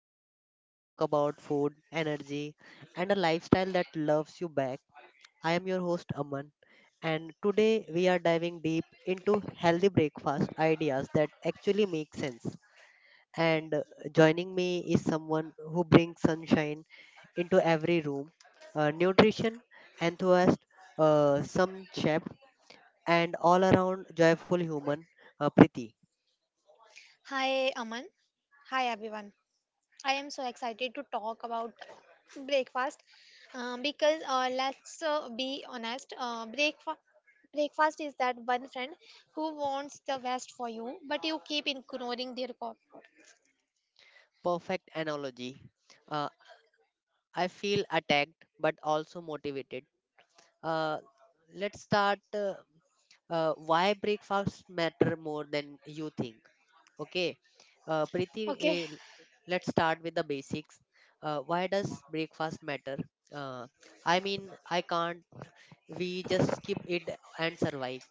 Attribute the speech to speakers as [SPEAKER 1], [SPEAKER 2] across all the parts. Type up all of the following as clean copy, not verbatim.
[SPEAKER 1] show where we talk about food, energy, and a lifestyle that loves you back. I am your host, Aman, and today we are diving deep into healthy breakfast ideas that actually make sense. And Joining me is someone who brings sunshine into every room, a nutrition enthusiast, some chef, and all around joyful human, Priti.
[SPEAKER 2] Hi, Aman. Hi, everyone. I am so excited to talk about breakfast because let's be honest, breakfast. Breakfast is that one friend who wants the best for you, but you keep ignoring their call.
[SPEAKER 1] Perfect analogy. Uh, I feel attacked but also motivated. Uh, let's start Why breakfast matter more than you think. Okay, Preeti,
[SPEAKER 2] Okay.
[SPEAKER 1] uh, let's start with the basics. Why does breakfast matter? Uh, I mean, I can't. We just skip it and survive.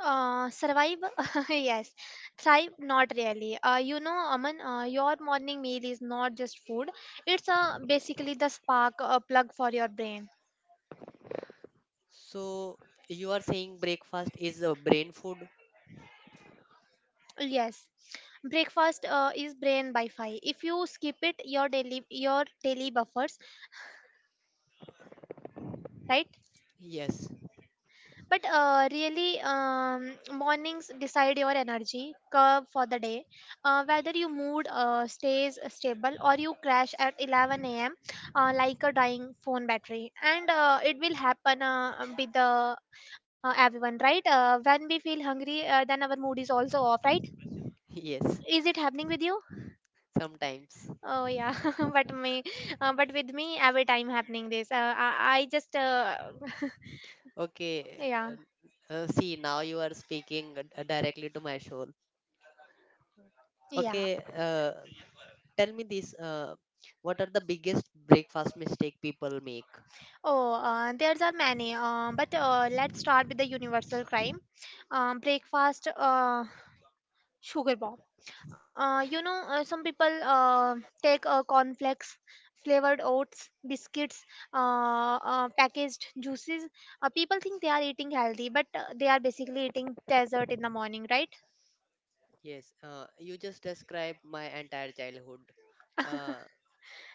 [SPEAKER 2] Survive? Yes. Thrive? Not really. You know, Aman, your morning meal is not just food, it's basically the spark plug for your brain.
[SPEAKER 1] So you are saying breakfast is a brain food?
[SPEAKER 2] Yes, breakfast is brain by five. If you skip it, your daily buffers, right?
[SPEAKER 1] Yes,
[SPEAKER 2] But really, mornings decide your energy curve for the day. Whether your mood stays stable or you crash at 11 a.m. Like a dying phone battery, and it will happen with the everyone, right? When we feel hungry, then our mood is also off, right?
[SPEAKER 1] yes,
[SPEAKER 2] Is it happening with you?
[SPEAKER 1] sometimes.
[SPEAKER 2] Oh yeah, but me, but with me every time happening this. I just
[SPEAKER 1] Okay.
[SPEAKER 2] yeah.
[SPEAKER 1] See, now you are speaking directly to my soul.
[SPEAKER 2] Yeah.
[SPEAKER 1] Okay. Tell me this. What are the biggest breakfast mistake people make?
[SPEAKER 2] Oh, there's are many. But let's start with the universal crime. Breakfast, sugar bomb. You know, some people take cornflakes, flavored oats, biscuits, packaged juices. People think they are eating healthy, but they are basically eating dessert in the morning, right?
[SPEAKER 1] Yes. You just described my entire childhood. Uh,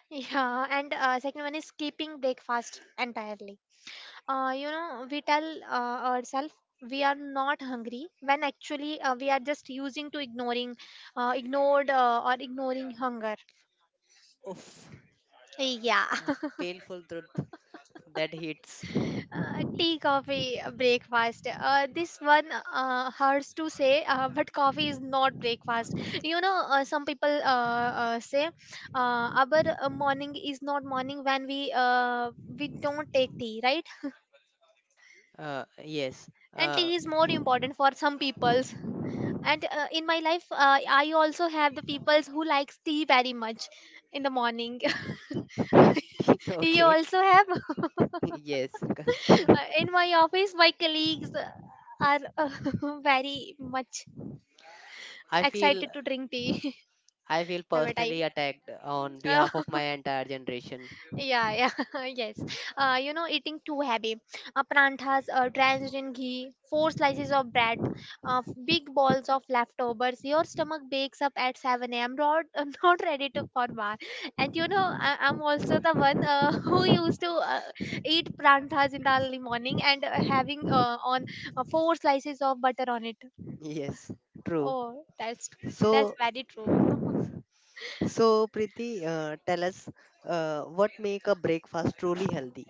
[SPEAKER 2] Yeah, and second one is skipping breakfast entirely. You know, we tell ourselves we are not hungry when actually we are just using to ignoring, ignored or ignoring hunger.
[SPEAKER 1] Oof.
[SPEAKER 2] Yeah,
[SPEAKER 1] A painful truth that hits.
[SPEAKER 2] tea, coffee, breakfast. This one hurts to say, but coffee is not breakfast. You know, some people say our morning is not morning when we don't take tea, right?
[SPEAKER 1] Yes.
[SPEAKER 2] And
[SPEAKER 1] Uh,
[SPEAKER 2] tea is more important for some peoples, and in my life I also have the peoples who likes tea very much in the morning. You
[SPEAKER 1] okay.
[SPEAKER 2] also have.
[SPEAKER 1] Yes.
[SPEAKER 2] In my office my colleagues are very much
[SPEAKER 1] I feel.
[SPEAKER 2] excited to drink tea.
[SPEAKER 1] I feel
[SPEAKER 2] Have a time.
[SPEAKER 1] personally attacked on behalf of my entire generation.
[SPEAKER 2] Yeah, yeah, yes. You know, eating too heavy. Pranthas drenched in ghee, four slices of bread, big balls of leftovers. Your stomach bakes up at 7 a.m. Not, I'm not ready to for more. And you know, I'm also the one who used to eat pranthas in the early morning and having on four slices of butter on it.
[SPEAKER 1] Yes, true.
[SPEAKER 2] Oh, that's
[SPEAKER 1] So,
[SPEAKER 2] very true.
[SPEAKER 1] so, Preeti, tell us what make a breakfast truly healthy?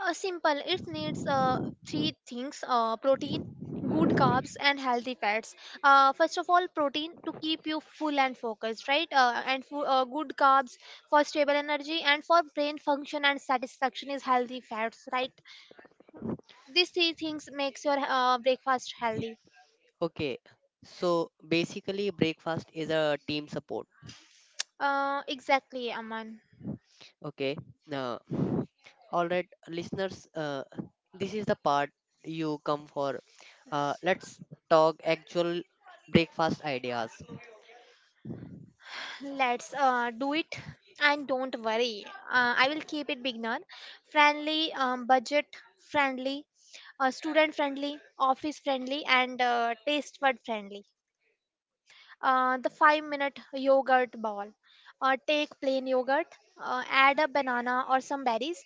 [SPEAKER 2] Simple. It needs three things: protein, good carbs, and healthy fats. First of all, protein to keep you full and focused, right? And good carbs for stable energy and for brain function and satisfaction is healthy fats, right? These three things makes your breakfast healthy.
[SPEAKER 1] Okay, so basically, breakfast is a team support.
[SPEAKER 2] Exactly, Aman.
[SPEAKER 1] Okay, now, all right, listeners, this is the part you come for. Let's talk actual breakfast ideas.
[SPEAKER 2] Let's do it and don't worry. I will keep it beginner friendly, budget friendly, student friendly, office friendly, and taste bud friendly. The 5-minute yogurt ball. Take plain yogurt, add a banana or some berries,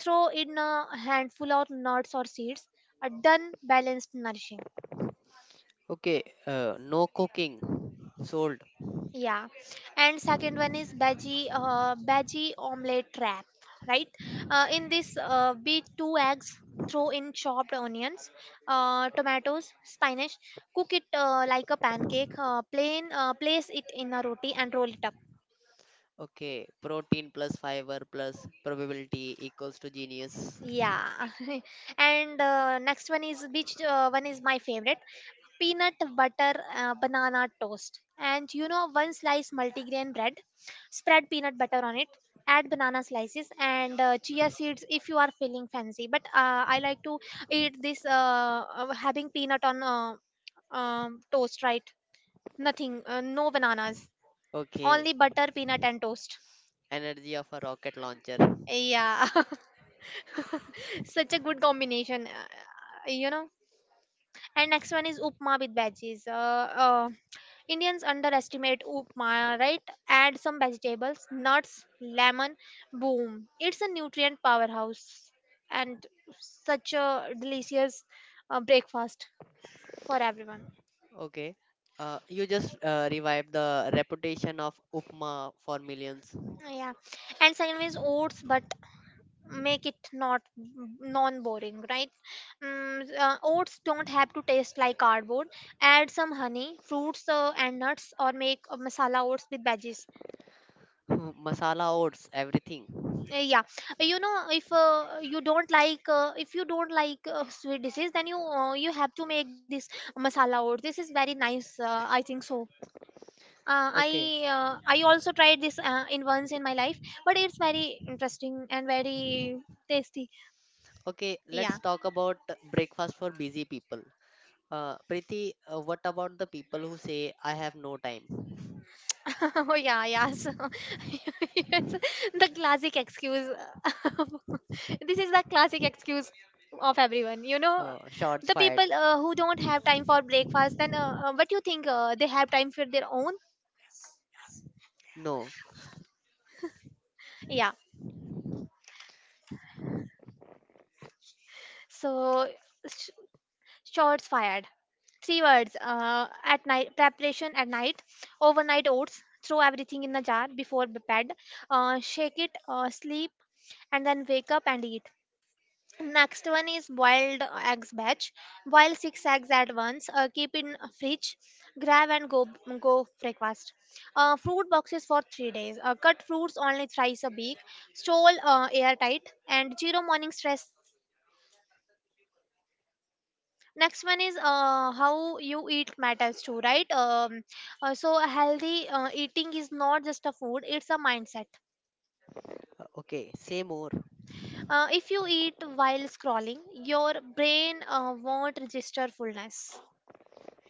[SPEAKER 2] throw in a handful of nuts or seeds. A done, balanced, nourishing.
[SPEAKER 1] Okay, no cooking, sold.
[SPEAKER 2] Yeah, and second one is veggie omelette wrap, right? In this, beat two eggs, throw in chopped onions, tomatoes, spinach. Cook it like a pancake. Plain, place it in a roti and roll it up.
[SPEAKER 1] Okay, protein plus fiber plus probability equals to genius.
[SPEAKER 2] Yeah, and next one is which one is my favorite peanut butter banana toast. And you know, one slice multigrain bread, spread peanut butter on it, add banana slices and chia seeds if you are feeling fancy. But I like to eat this having peanut on toast, right? Nothing, no bananas,
[SPEAKER 1] Okay,
[SPEAKER 2] only butter, peanut, and toast.
[SPEAKER 1] energy of a rocket launcher.
[SPEAKER 2] Yeah, such a good combination. You know. And next one is upma with veggies. Indians underestimate upma, right? Add some vegetables, nuts, lemon, boom. It's a nutrient powerhouse and such a delicious breakfast for everyone.
[SPEAKER 1] Okay. You just revived the reputation of upma for millions.
[SPEAKER 2] Yeah. And second one is oats, but make it not non boring, right? Oats don't have to taste like cardboard. Add some honey, fruits, and nuts, or make a masala oats with veggies.
[SPEAKER 1] Masala oats, everything.
[SPEAKER 2] Yeah. You know, if you don't like sweet dishes, then you have to make this masala. Or this is very nice, I think so. uh, i
[SPEAKER 1] Okay.
[SPEAKER 2] uh, i also tried this in once in my life, but it's very interesting and very tasty.
[SPEAKER 1] Okay,
[SPEAKER 2] Yeah.
[SPEAKER 1] let's talk about breakfast for busy people. Preeti, what about the people who say, I have no time?
[SPEAKER 2] Oh yeah, yeah. So, yes, the classic excuse. This is the classic excuse of everyone. You know,
[SPEAKER 1] Shots
[SPEAKER 2] the
[SPEAKER 1] fired.
[SPEAKER 2] people who don't have time for breakfast. Then, what do you think? They have time for their own?
[SPEAKER 1] No.
[SPEAKER 2] Yeah. So, sh- shots fired. Three words. At night preparation at night, overnight oats. Throw everything in a jar before bed. Shake it. Sleep, and then wake up and eat. Next one is boiled eggs batch. Boil six eggs at once. Keep in fridge. Grab and go breakfast. Fruit boxes for 3 days. Cut fruits only thrice a week. Store airtight and zero morning stress. Next one is how you eat matters too, right? So healthy eating is not just a food; it's a mindset.
[SPEAKER 1] Okay, say more.
[SPEAKER 2] If you eat while scrolling, your brain won't register fullness.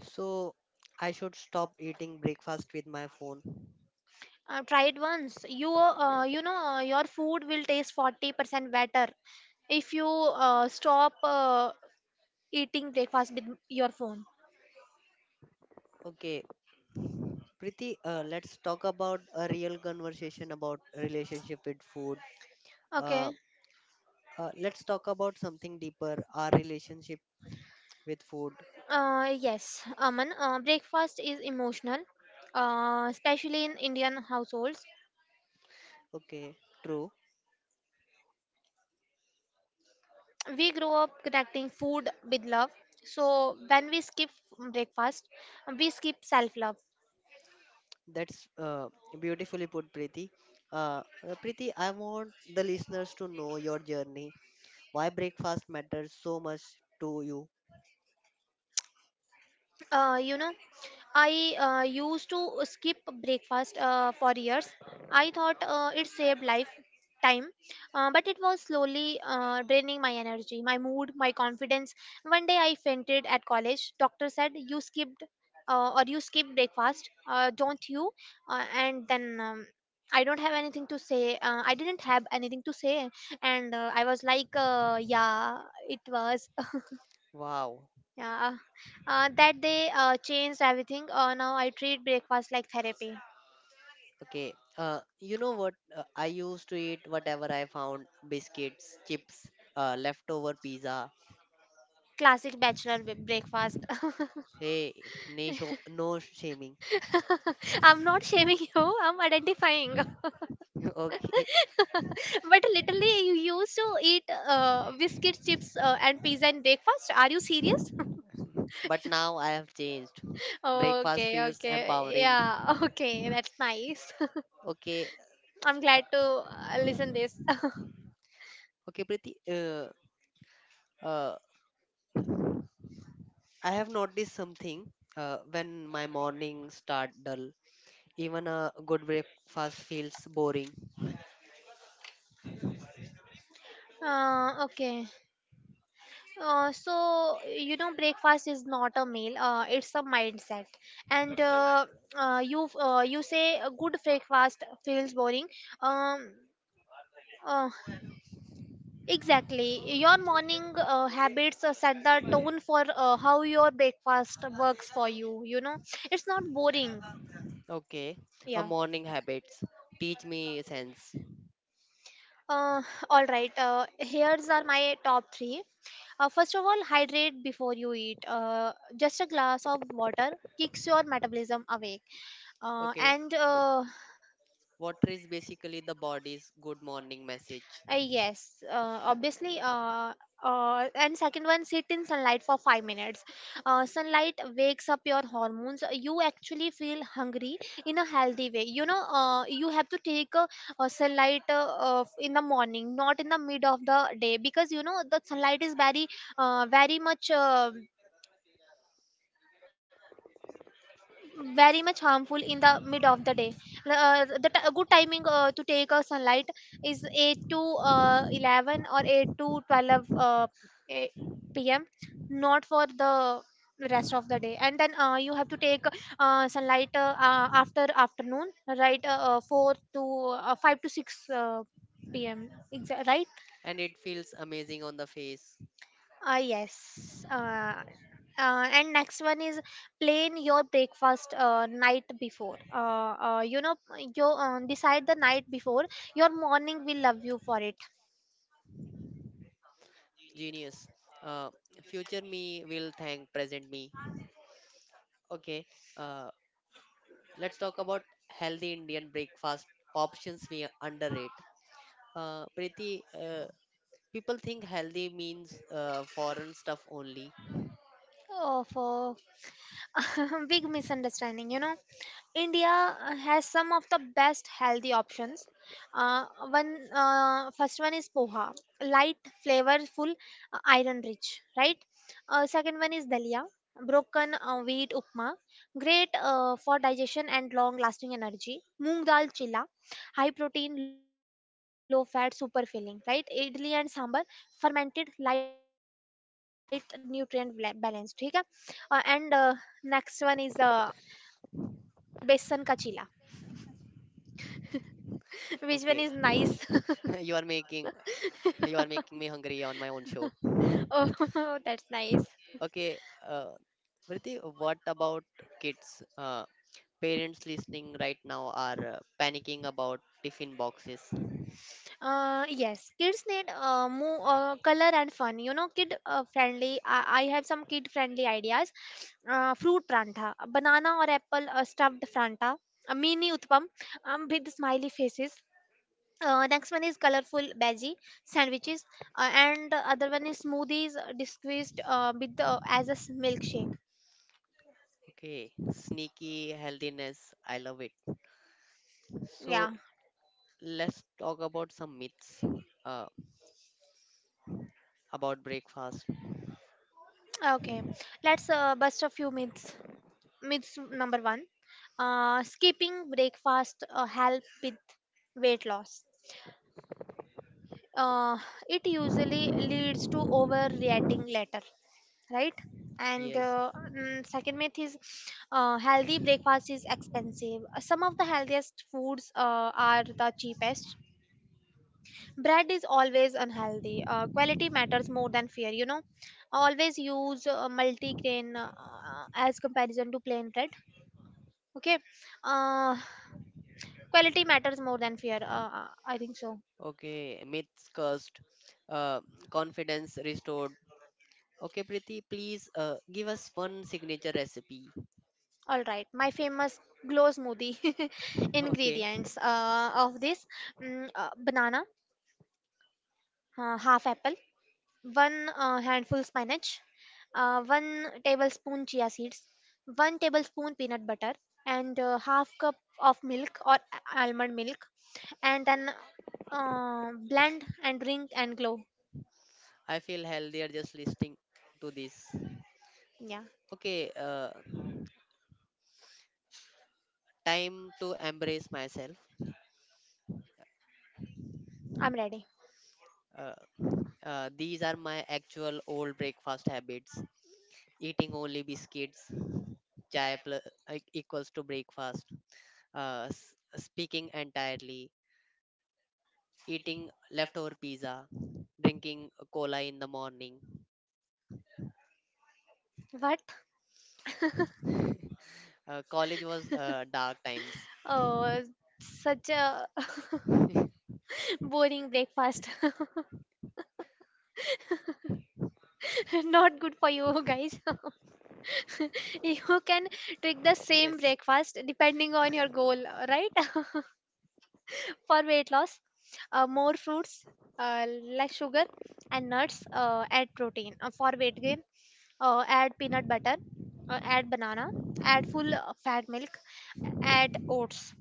[SPEAKER 1] So, I should stop eating breakfast with my phone.
[SPEAKER 2] Try it once. You know your food will taste 40% better if you stop eating breakfast with your phone.
[SPEAKER 1] Okay, Priti, let's talk about a real conversation about relationship with food. Uh,
[SPEAKER 2] Okay.
[SPEAKER 1] let's talk about something deeper, our relationship with food.
[SPEAKER 2] Yes, Aman. Breakfast is emotional, especially in Indian households.
[SPEAKER 1] Okay, true.
[SPEAKER 2] We grow up connecting food with love. So when we skip breakfast, we skip self-love.
[SPEAKER 1] That's beautifully put, Priti. Uh, Priti, I want the listeners to know your journey. Why breakfast matters so much to you?
[SPEAKER 2] You know, I used to skip breakfast for years. I thought it saved life time, but it was slowly draining my energy, my mood, my confidence. One day I fainted at college. Doctor said you skipped, or you skip breakfast, don't you? And then I don't have anything to say. I didn't have anything to say, and I was like, yeah, it was.
[SPEAKER 1] Wow.
[SPEAKER 2] Yeah, that day changed everything. Now I treat breakfast like therapy.
[SPEAKER 1] Okay. You know what? I used to eat whatever I found biscuits, chips, leftover pizza.
[SPEAKER 2] Classic bachelor breakfast.
[SPEAKER 1] Hey, no, no shaming.
[SPEAKER 2] I'm not shaming you, I'm identifying.
[SPEAKER 1] Okay,
[SPEAKER 2] But literally, you used to eat biscuit, chips, and pizza in breakfast. Are you serious?
[SPEAKER 1] but now I have changed. Breakfast
[SPEAKER 2] Okay,
[SPEAKER 1] feels
[SPEAKER 2] okay.
[SPEAKER 1] empowering.
[SPEAKER 2] Yeah, okay. That's nice.
[SPEAKER 1] Okay,
[SPEAKER 2] I'm glad to listen this.
[SPEAKER 1] okay, Priti. Uh, I have noticed something. When my morning start dull, even a good breakfast feels boring.
[SPEAKER 2] Okay. So you know breakfast is not a meal, it's a mindset, and you say a good breakfast feels boring. um uh, exactly, your morning habits set the tone for how your breakfast works for you, you know. It's not boring.
[SPEAKER 1] Okay, a
[SPEAKER 2] Yeah.
[SPEAKER 1] morning habits teach me sense.
[SPEAKER 2] uh, all right. Here's are my top 3. First of all, hydrate before you eat. Just a glass of water kicks your metabolism awake,
[SPEAKER 1] Okay,
[SPEAKER 2] and
[SPEAKER 1] water is basically the body's good morning message,
[SPEAKER 2] yes, obviously. And second one, sit in sunlight for 5 minutes. Sunlight wakes up your hormones, you actually feel hungry in a healthy way, you know. You have to take a, sunlight in the morning, not in the mid of the day, because you know the sunlight is very very much very much harmful in the mid of the day. The good timing to take a sunlight is 8 to 11 or 8 to 12 eh, pm, not for the rest of the day. And then you have to take sunlight after afternoon, right. 4 to 5 to 6 pm right.
[SPEAKER 1] and it feels amazing on the face.
[SPEAKER 2] Yes. And next one is plan your breakfast night before. You know, you decide the night before. Your morning will love you for it.
[SPEAKER 1] Genius. Uh, Future me will thank present me. Okay. Uh, let's talk about healthy Indian breakfast options we underrate. Preeti, people think healthy means foreign stuff only.
[SPEAKER 2] Oh, for big misunderstanding, you know. India has some of the best healthy options. Uh, one first one is poha, light, flavorful, iron rich, right? Second one is dalia, broken wheat upma, great for digestion and long lasting energy. Moong dal chilla, high protein, low fat, super filling, right? Idli and sambar, fermented, light, nutrient balanced, ठीक है? And next one is Besan ka chila.
[SPEAKER 1] Okay.
[SPEAKER 2] Which one
[SPEAKER 1] you
[SPEAKER 2] is
[SPEAKER 1] are
[SPEAKER 2] nice?
[SPEAKER 1] making you are making me hungry on my own show.
[SPEAKER 2] Oh, that's nice.
[SPEAKER 1] Okay. Uh, Preeti, what about kids? Parents listening right now are panicking about tiffin boxes.
[SPEAKER 2] Yes, kids need more color and fun. You know, kid friendly. I have some kid friendly ideas. Fruit pranta, banana or apple stuffed pranta, a mini utpam with smiley faces. Next one is colorful bhaji sandwiches, and the other one is smoothies disguised with the, as a s- milkshake.
[SPEAKER 1] Okay, sneaky healthiness. I love it.
[SPEAKER 2] Yeah.
[SPEAKER 1] So let's talk about some myths uh, about breakfast.
[SPEAKER 2] Okay. Let's bust a few myths. Myths number one, skipping breakfast help with weight loss, uh, it usually leads to overreacting later, right? And
[SPEAKER 1] Yes.
[SPEAKER 2] second myth is, healthy breakfast is expensive. Some of the healthiest foods are the cheapest. Bread is always unhealthy, quality matters more than fear, you know, always use multigrain as comparison to plain bread. Okay. uh, Quality matters more than fear. I think so.
[SPEAKER 1] Okay, myths cursed. Uh, Confidence restored. Okay, Preeti, please give us one signature recipe.
[SPEAKER 2] All right. My famous glow smoothie
[SPEAKER 1] Okay,
[SPEAKER 2] ingredients of this, banana, half apple, one handful spinach, one tablespoon chia seeds, one tablespoon peanut butter, and half cup of milk or almond milk, and then blend and drink and glow.
[SPEAKER 1] I feel healthier just listening to this.
[SPEAKER 2] Yeah,
[SPEAKER 1] Okay, time to embrace myself.
[SPEAKER 2] I'm ready.
[SPEAKER 1] Uh, these are my actual old breakfast habits eating only biscuits chai plus, equals to breakfast, speaking entirely, eating leftover pizza, drinking cola in the morning.
[SPEAKER 2] What?
[SPEAKER 1] College was dark times.
[SPEAKER 2] Oh, such a boring breakfast. Not good for you guys. You can tweak the same
[SPEAKER 1] Yes.
[SPEAKER 2] breakfast depending on your goal, right? For weight loss, more fruits, uh, less sugar and nuts, add protein. For weight gain, add peanut butter, add banana, add full fat milk, add oats.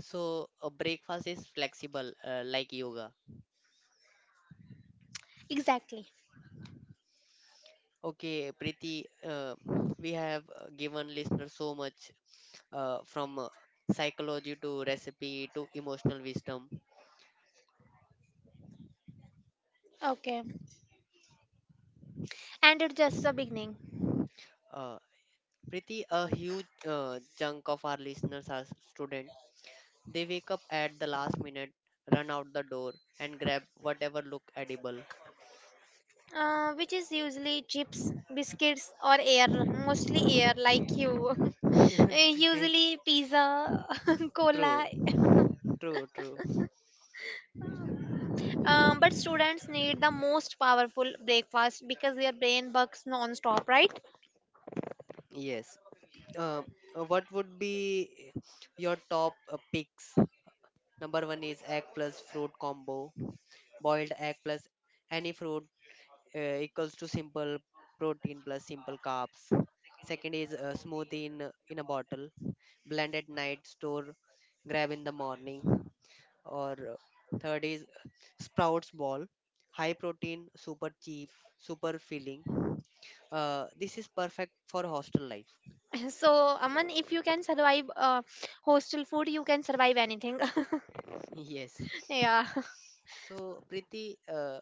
[SPEAKER 1] So breakfast is flexible, like yoga.
[SPEAKER 2] Exactly.
[SPEAKER 1] Okay, Preeti, we have given listeners so much from psychology to recipe to emotional wisdom.
[SPEAKER 2] Okay. And it's just the beginning.
[SPEAKER 1] Uh, Preeti, a huge chunk of our listeners are students. They wake up at the last minute, run out the door, and grab whatever look edible.
[SPEAKER 2] Which is usually chips, biscuits, or air, mostly air, like you. Eh,
[SPEAKER 1] Eh,
[SPEAKER 2] usually pizza, cola.
[SPEAKER 1] true, true, true.
[SPEAKER 2] But students need the most powerful breakfast because their brain works non-stop, right?
[SPEAKER 1] Yes. Um, what would be your top picks? Number one is egg plus fruit combo. Boiled egg plus any fruit equals to simple protein plus simple carbs. Second is smoothie in a bottle. Blend at night, store, grab in the morning. Or third is sprouts ball, high protein, super cheap, super filling. This is perfect for hostel life.
[SPEAKER 2] So, Aman, if you can survive hostel food, you can survive anything.
[SPEAKER 1] Yes.
[SPEAKER 2] Yeah,
[SPEAKER 1] So, Preeti,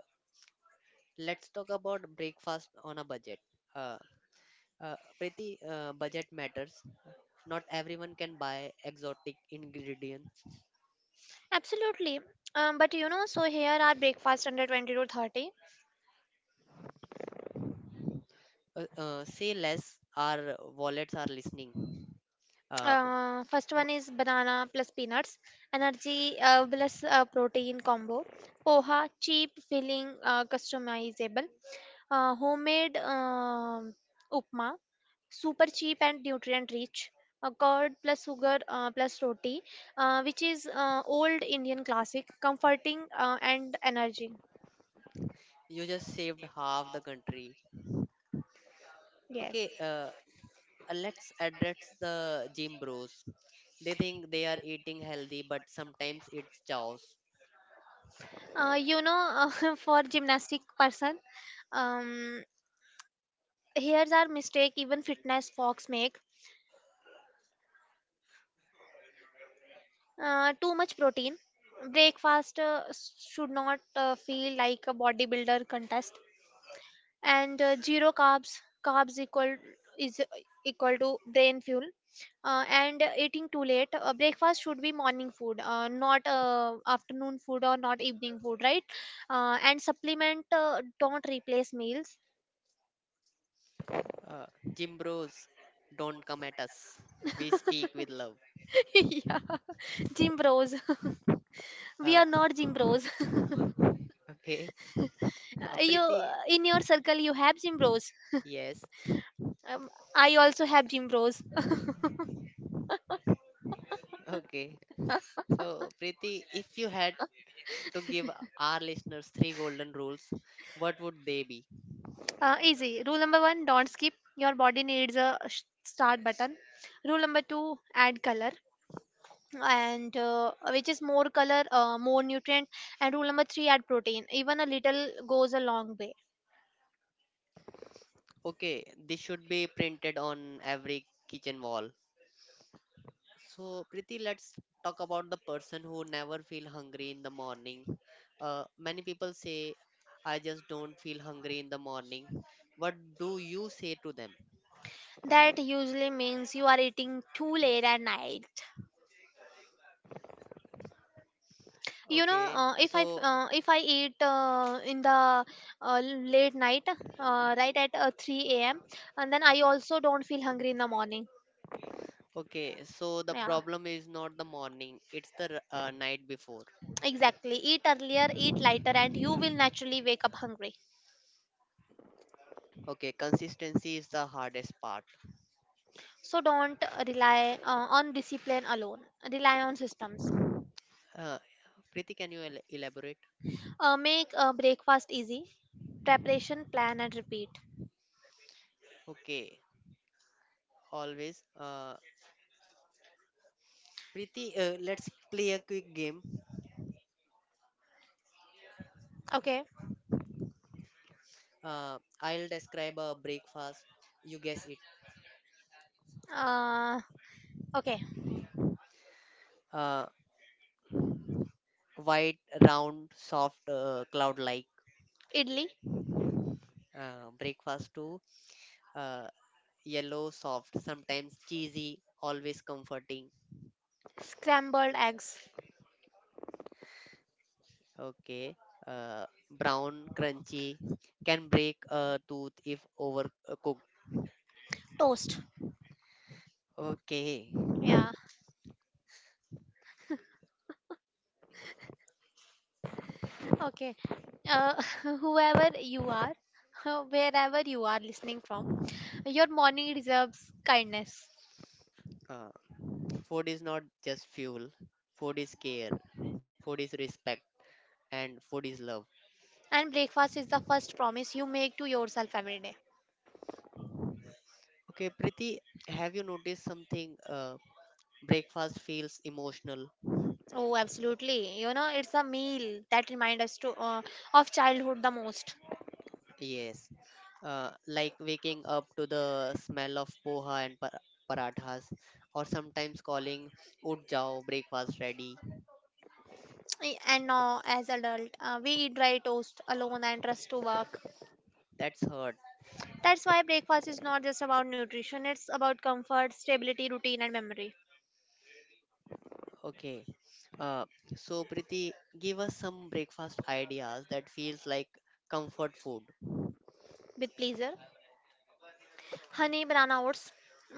[SPEAKER 1] let's talk about breakfast on a budget. Uh, uh, Preeti, budget matters. Not everyone can buy exotic ingredients.
[SPEAKER 2] absolutely. But you know, so here are breakfast under 20 to 30.
[SPEAKER 1] Say less, our wallets are listening. Uh,
[SPEAKER 2] First
[SPEAKER 1] b-
[SPEAKER 2] one is banana plus peanuts, energy plus protein combo, poha, cheap, filling, customizable, homemade upma, super cheap and nutrient rich, curd plus sugar plus roti, which is old Indian classic, comforting and energy.
[SPEAKER 1] you just saved half the country.
[SPEAKER 2] Yes.
[SPEAKER 1] Okay, let's address the gym bros. They think they are eating healthy, but sometimes it's chaos.
[SPEAKER 2] You know, for gymnastic person, um, here's our mistake even fitness fox make. Too much protein breakfast should not feel like a bodybuilder contest, and zero carbs, carbs equal is equal to brain fuel, and eating too late, breakfast should be morning food, not afternoon food or not evening food, right? And supplement, don't replace meals.
[SPEAKER 1] Uh, Gym bros, don't come at us. We speak with love.
[SPEAKER 2] Yeah, gym bros. We
[SPEAKER 1] Uh,
[SPEAKER 2] are not gym bros.
[SPEAKER 1] okay.
[SPEAKER 2] You,
[SPEAKER 1] Preeti,
[SPEAKER 2] in your circle you have gym bros,
[SPEAKER 1] yes.
[SPEAKER 2] um, I also have gym bros.
[SPEAKER 1] Okay. So, Preeti, if you had to give our listeners three golden rules, what would they be?
[SPEAKER 2] Easy. Rule number one, don't skip. Your body needs a start button. Rule number two, add color. And which is more color, more nutrient. And rule number three, add protein. Even a little goes a long way.
[SPEAKER 1] Okay. This should be printed on every kitchen wall. So, Priti, let's talk about the person who never feel hungry in the morning. Many people say, I just don't feel hungry in the morning. What do you say to them?
[SPEAKER 2] That usually means you are eating too late at night. You know,
[SPEAKER 1] Okay, so
[SPEAKER 2] if I eat in the late night, right at 3 a.m. and then I also don't feel hungry in the morning.
[SPEAKER 1] okay, so the
[SPEAKER 2] Yeah.
[SPEAKER 1] problem is not the morning, it's the night before.
[SPEAKER 2] Exactly. Eat earlier, eat lighter, and you will naturally wake up hungry.
[SPEAKER 1] Okay, consistency is the hardest part.
[SPEAKER 2] So don't rely on discipline alone. Rely on systems.
[SPEAKER 1] Uh, Priti, can you elaborate?
[SPEAKER 2] Make breakfast easy. Preparation, plan, and repeat.
[SPEAKER 1] Okay, always. Priti, let's play a quick game.
[SPEAKER 2] Okay.
[SPEAKER 1] I'll describe a breakfast. You guess it.
[SPEAKER 2] Uh, okay.
[SPEAKER 1] Uh, White, round, soft, cloud like
[SPEAKER 2] Idli,
[SPEAKER 1] breakfast too. Uh, yellow, soft, sometimes cheesy, always comforting.
[SPEAKER 2] scrambled eggs,
[SPEAKER 1] Okay. Uh, Brown, crunchy, can break a tooth if overcooked.
[SPEAKER 2] toast.
[SPEAKER 1] Okay.
[SPEAKER 2] Yeah. Okay. Uh, Whoever you are, wherever you are listening from, your morning deserves kindness.
[SPEAKER 1] Uh, Food is not just fuel, food is care, food is respect, and food is love.
[SPEAKER 2] And breakfast is the first promise you make to yourself every day.
[SPEAKER 1] Okay, Priti, have you noticed something? Breakfast feels emotional.
[SPEAKER 2] Oh, absolutely. You know, it's a meal that reminds us to, of childhood the most.
[SPEAKER 1] Yes. Like waking up to the smell of poha and parathas, or sometimes calling "Ut jao, breakfast ready."
[SPEAKER 2] And now, as adult, we eat dry toast alone and trust to work.
[SPEAKER 1] That's hurt.
[SPEAKER 2] That's why breakfast is not just about nutrition; it's about comfort, stability, routine, and memory.
[SPEAKER 1] Okay. Uh, so Priti, give us some breakfast ideas that feels like comfort food.
[SPEAKER 2] With pleasure, honey banana oats,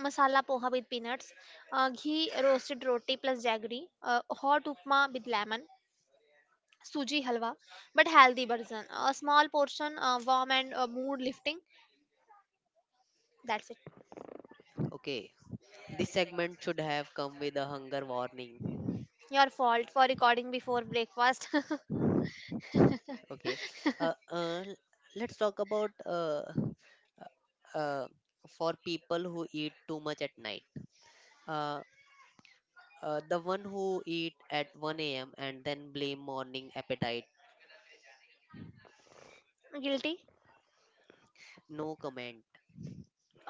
[SPEAKER 2] masala poha with peanuts, ghee roasted roti plus jaggery, hot upma with lemon, suji halwa, but healthy version. A small portion, warm and mood lifting. That's it.
[SPEAKER 1] Okay. This segment should have come with a hunger warning.
[SPEAKER 2] Your fault for recording before breakfast.
[SPEAKER 1] Okay. Uh, uh, l- let's talk about uh, uh, for people who eat too much at night. Uh, the one who eat at 1 a.m. and then blame morning appetite.
[SPEAKER 2] Guilty?
[SPEAKER 1] No comment.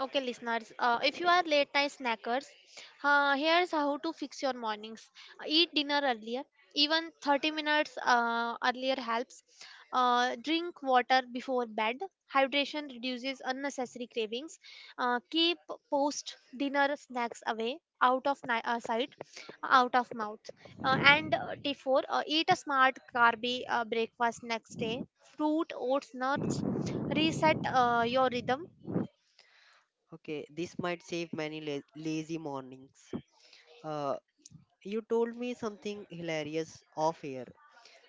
[SPEAKER 2] Okay, listeners, if you are late night snackers, here's how to fix your mornings. Eat dinner earlier, even 30 minutes earlier helps. Drink water before bed. Hydration reduces unnecessary cravings. Keep post dinner snacks away, out of sight, out of mouth. And T4, eat a smart carby breakfast next day. Fruit, oats, nuts. Reset your rhythm.
[SPEAKER 1] Okay, this might save many lazy mornings. Uh, you told me something hilarious off air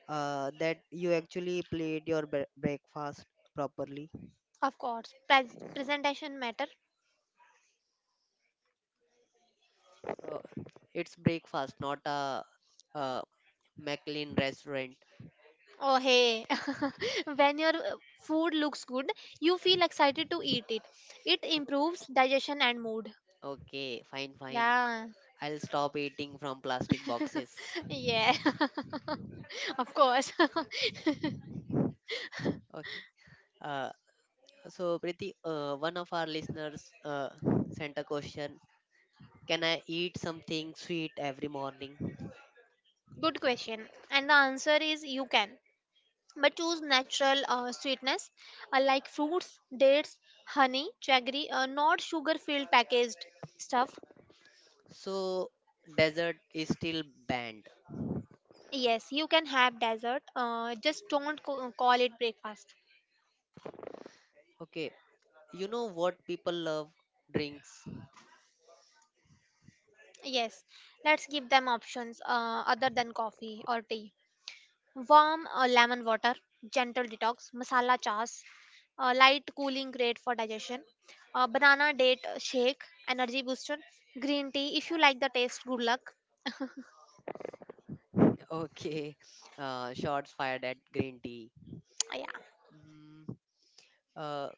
[SPEAKER 1] that you actually played your breakfast properly.
[SPEAKER 2] Of course, presentation matter.
[SPEAKER 1] Uh, it's breakfast, not a, uh, McLean restaurant.
[SPEAKER 2] Oh hey, when your food looks good, you feel excited to eat it. It
[SPEAKER 1] O-
[SPEAKER 2] improves digestion and mood.
[SPEAKER 1] Okay, fine, fine.
[SPEAKER 2] Yeah,
[SPEAKER 1] I'll stop eating from plastic boxes.
[SPEAKER 2] yeah, of course.
[SPEAKER 1] Okay. Uh, so, Priti, one of our listeners sent a question. Can I eat something sweet every morning?
[SPEAKER 2] Good question. And the answer is you can. But choose natural sweetness like fruits, dates, honey, jaggery, not sugar filled packaged stuff.
[SPEAKER 1] So, dessert is still banned.
[SPEAKER 2] Yes, you can have dessert. Just don't call it breakfast.
[SPEAKER 1] Okay. You know what people love? Drinks.
[SPEAKER 2] Yes, let's give them options other than coffee or tea. Warm lemon water, gentle detox, masala chas, light cooling great for digestion, banana date shake, energy booster, green tea. If you like the taste, good luck.
[SPEAKER 1] Okay. Shots fired at green tea.
[SPEAKER 2] Yeah,
[SPEAKER 1] Mm, uh,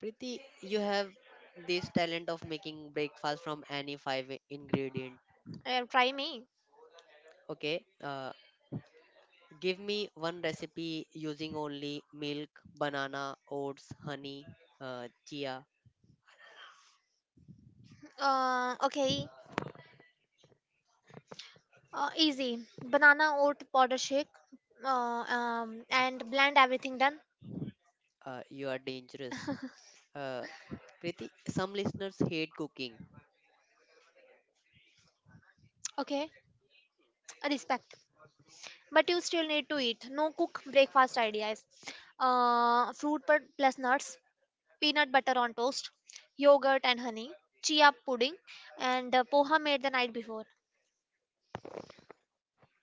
[SPEAKER 1] Priti, you have this talent of making breakfast from any five ingredient.
[SPEAKER 2] try me.
[SPEAKER 1] Okay, uh, give me one recipe using only milk, banana, oats, honey, chia.
[SPEAKER 2] Okay, easy banana oat powder shake, and blend everything done.
[SPEAKER 1] You are dangerous. Uh, Priti, some listeners hate cooking.
[SPEAKER 2] Okay, respect. But you still need to eat no cook breakfast ideas: fruit plus nuts, peanut butter on toast, yogurt and honey, chia pudding, and poha made the night before.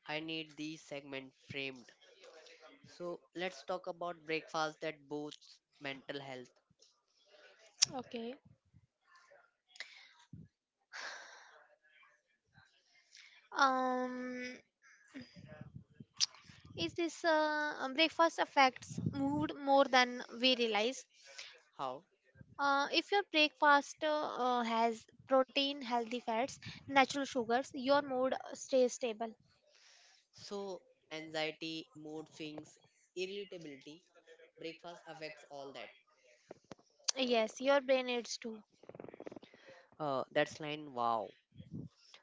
[SPEAKER 1] I need this segment framed. So let's talk about breakfast that boosts mental health.
[SPEAKER 2] Okay. um is this Breakfast affects mood more than we realize.
[SPEAKER 1] How?
[SPEAKER 2] If your breakfast has protein, healthy fats, natural sugars, your mood stays stable.
[SPEAKER 1] So anxiety, mood swings, irritability breakfast affects all that.
[SPEAKER 2] Yes, your brain needs to.
[SPEAKER 1] That's line wow.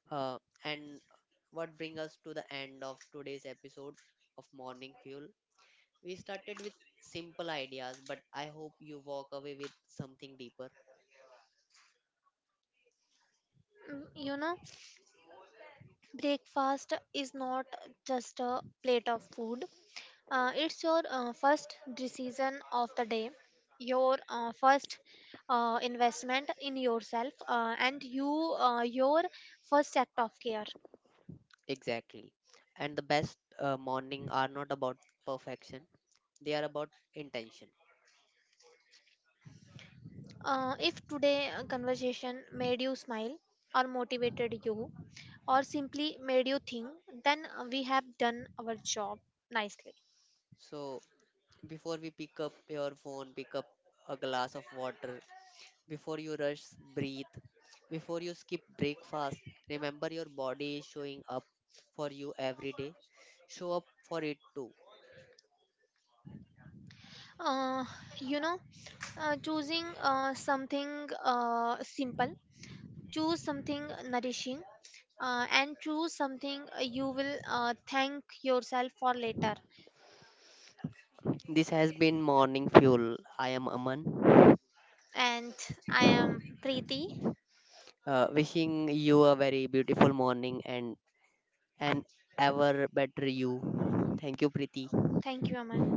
[SPEAKER 1] Uh, and what brings us to the end of today's episode of Morning Fuel. We started with simple ideas, but I hope you walk away with something deeper.
[SPEAKER 2] Mm, you know, breakfast is not just a plate of food, it's your first decision of the day, your first investment in yourself, and you, your first act of care.
[SPEAKER 1] Exactly. And the best morning are not about perfection, they are about intention.
[SPEAKER 2] If today conversation made you smile or motivated you or simply made you think, then we have done our job nicely.
[SPEAKER 1] So before we pick up your phone, pick up a glass of water. Before you rush, breathe. Before you skip breakfast, remember your body is showing up for you every day. Show up for it too.
[SPEAKER 2] uh, you know, choosing something simple, choose something nourishing, and choose something you will thank yourself for later.
[SPEAKER 1] This has been Morning Fuel. I am Aman.
[SPEAKER 2] And I am Preeti.
[SPEAKER 1] Wishing you a very beautiful morning and an ever better you. Thank you, Preeti.
[SPEAKER 2] Thank you, Aman.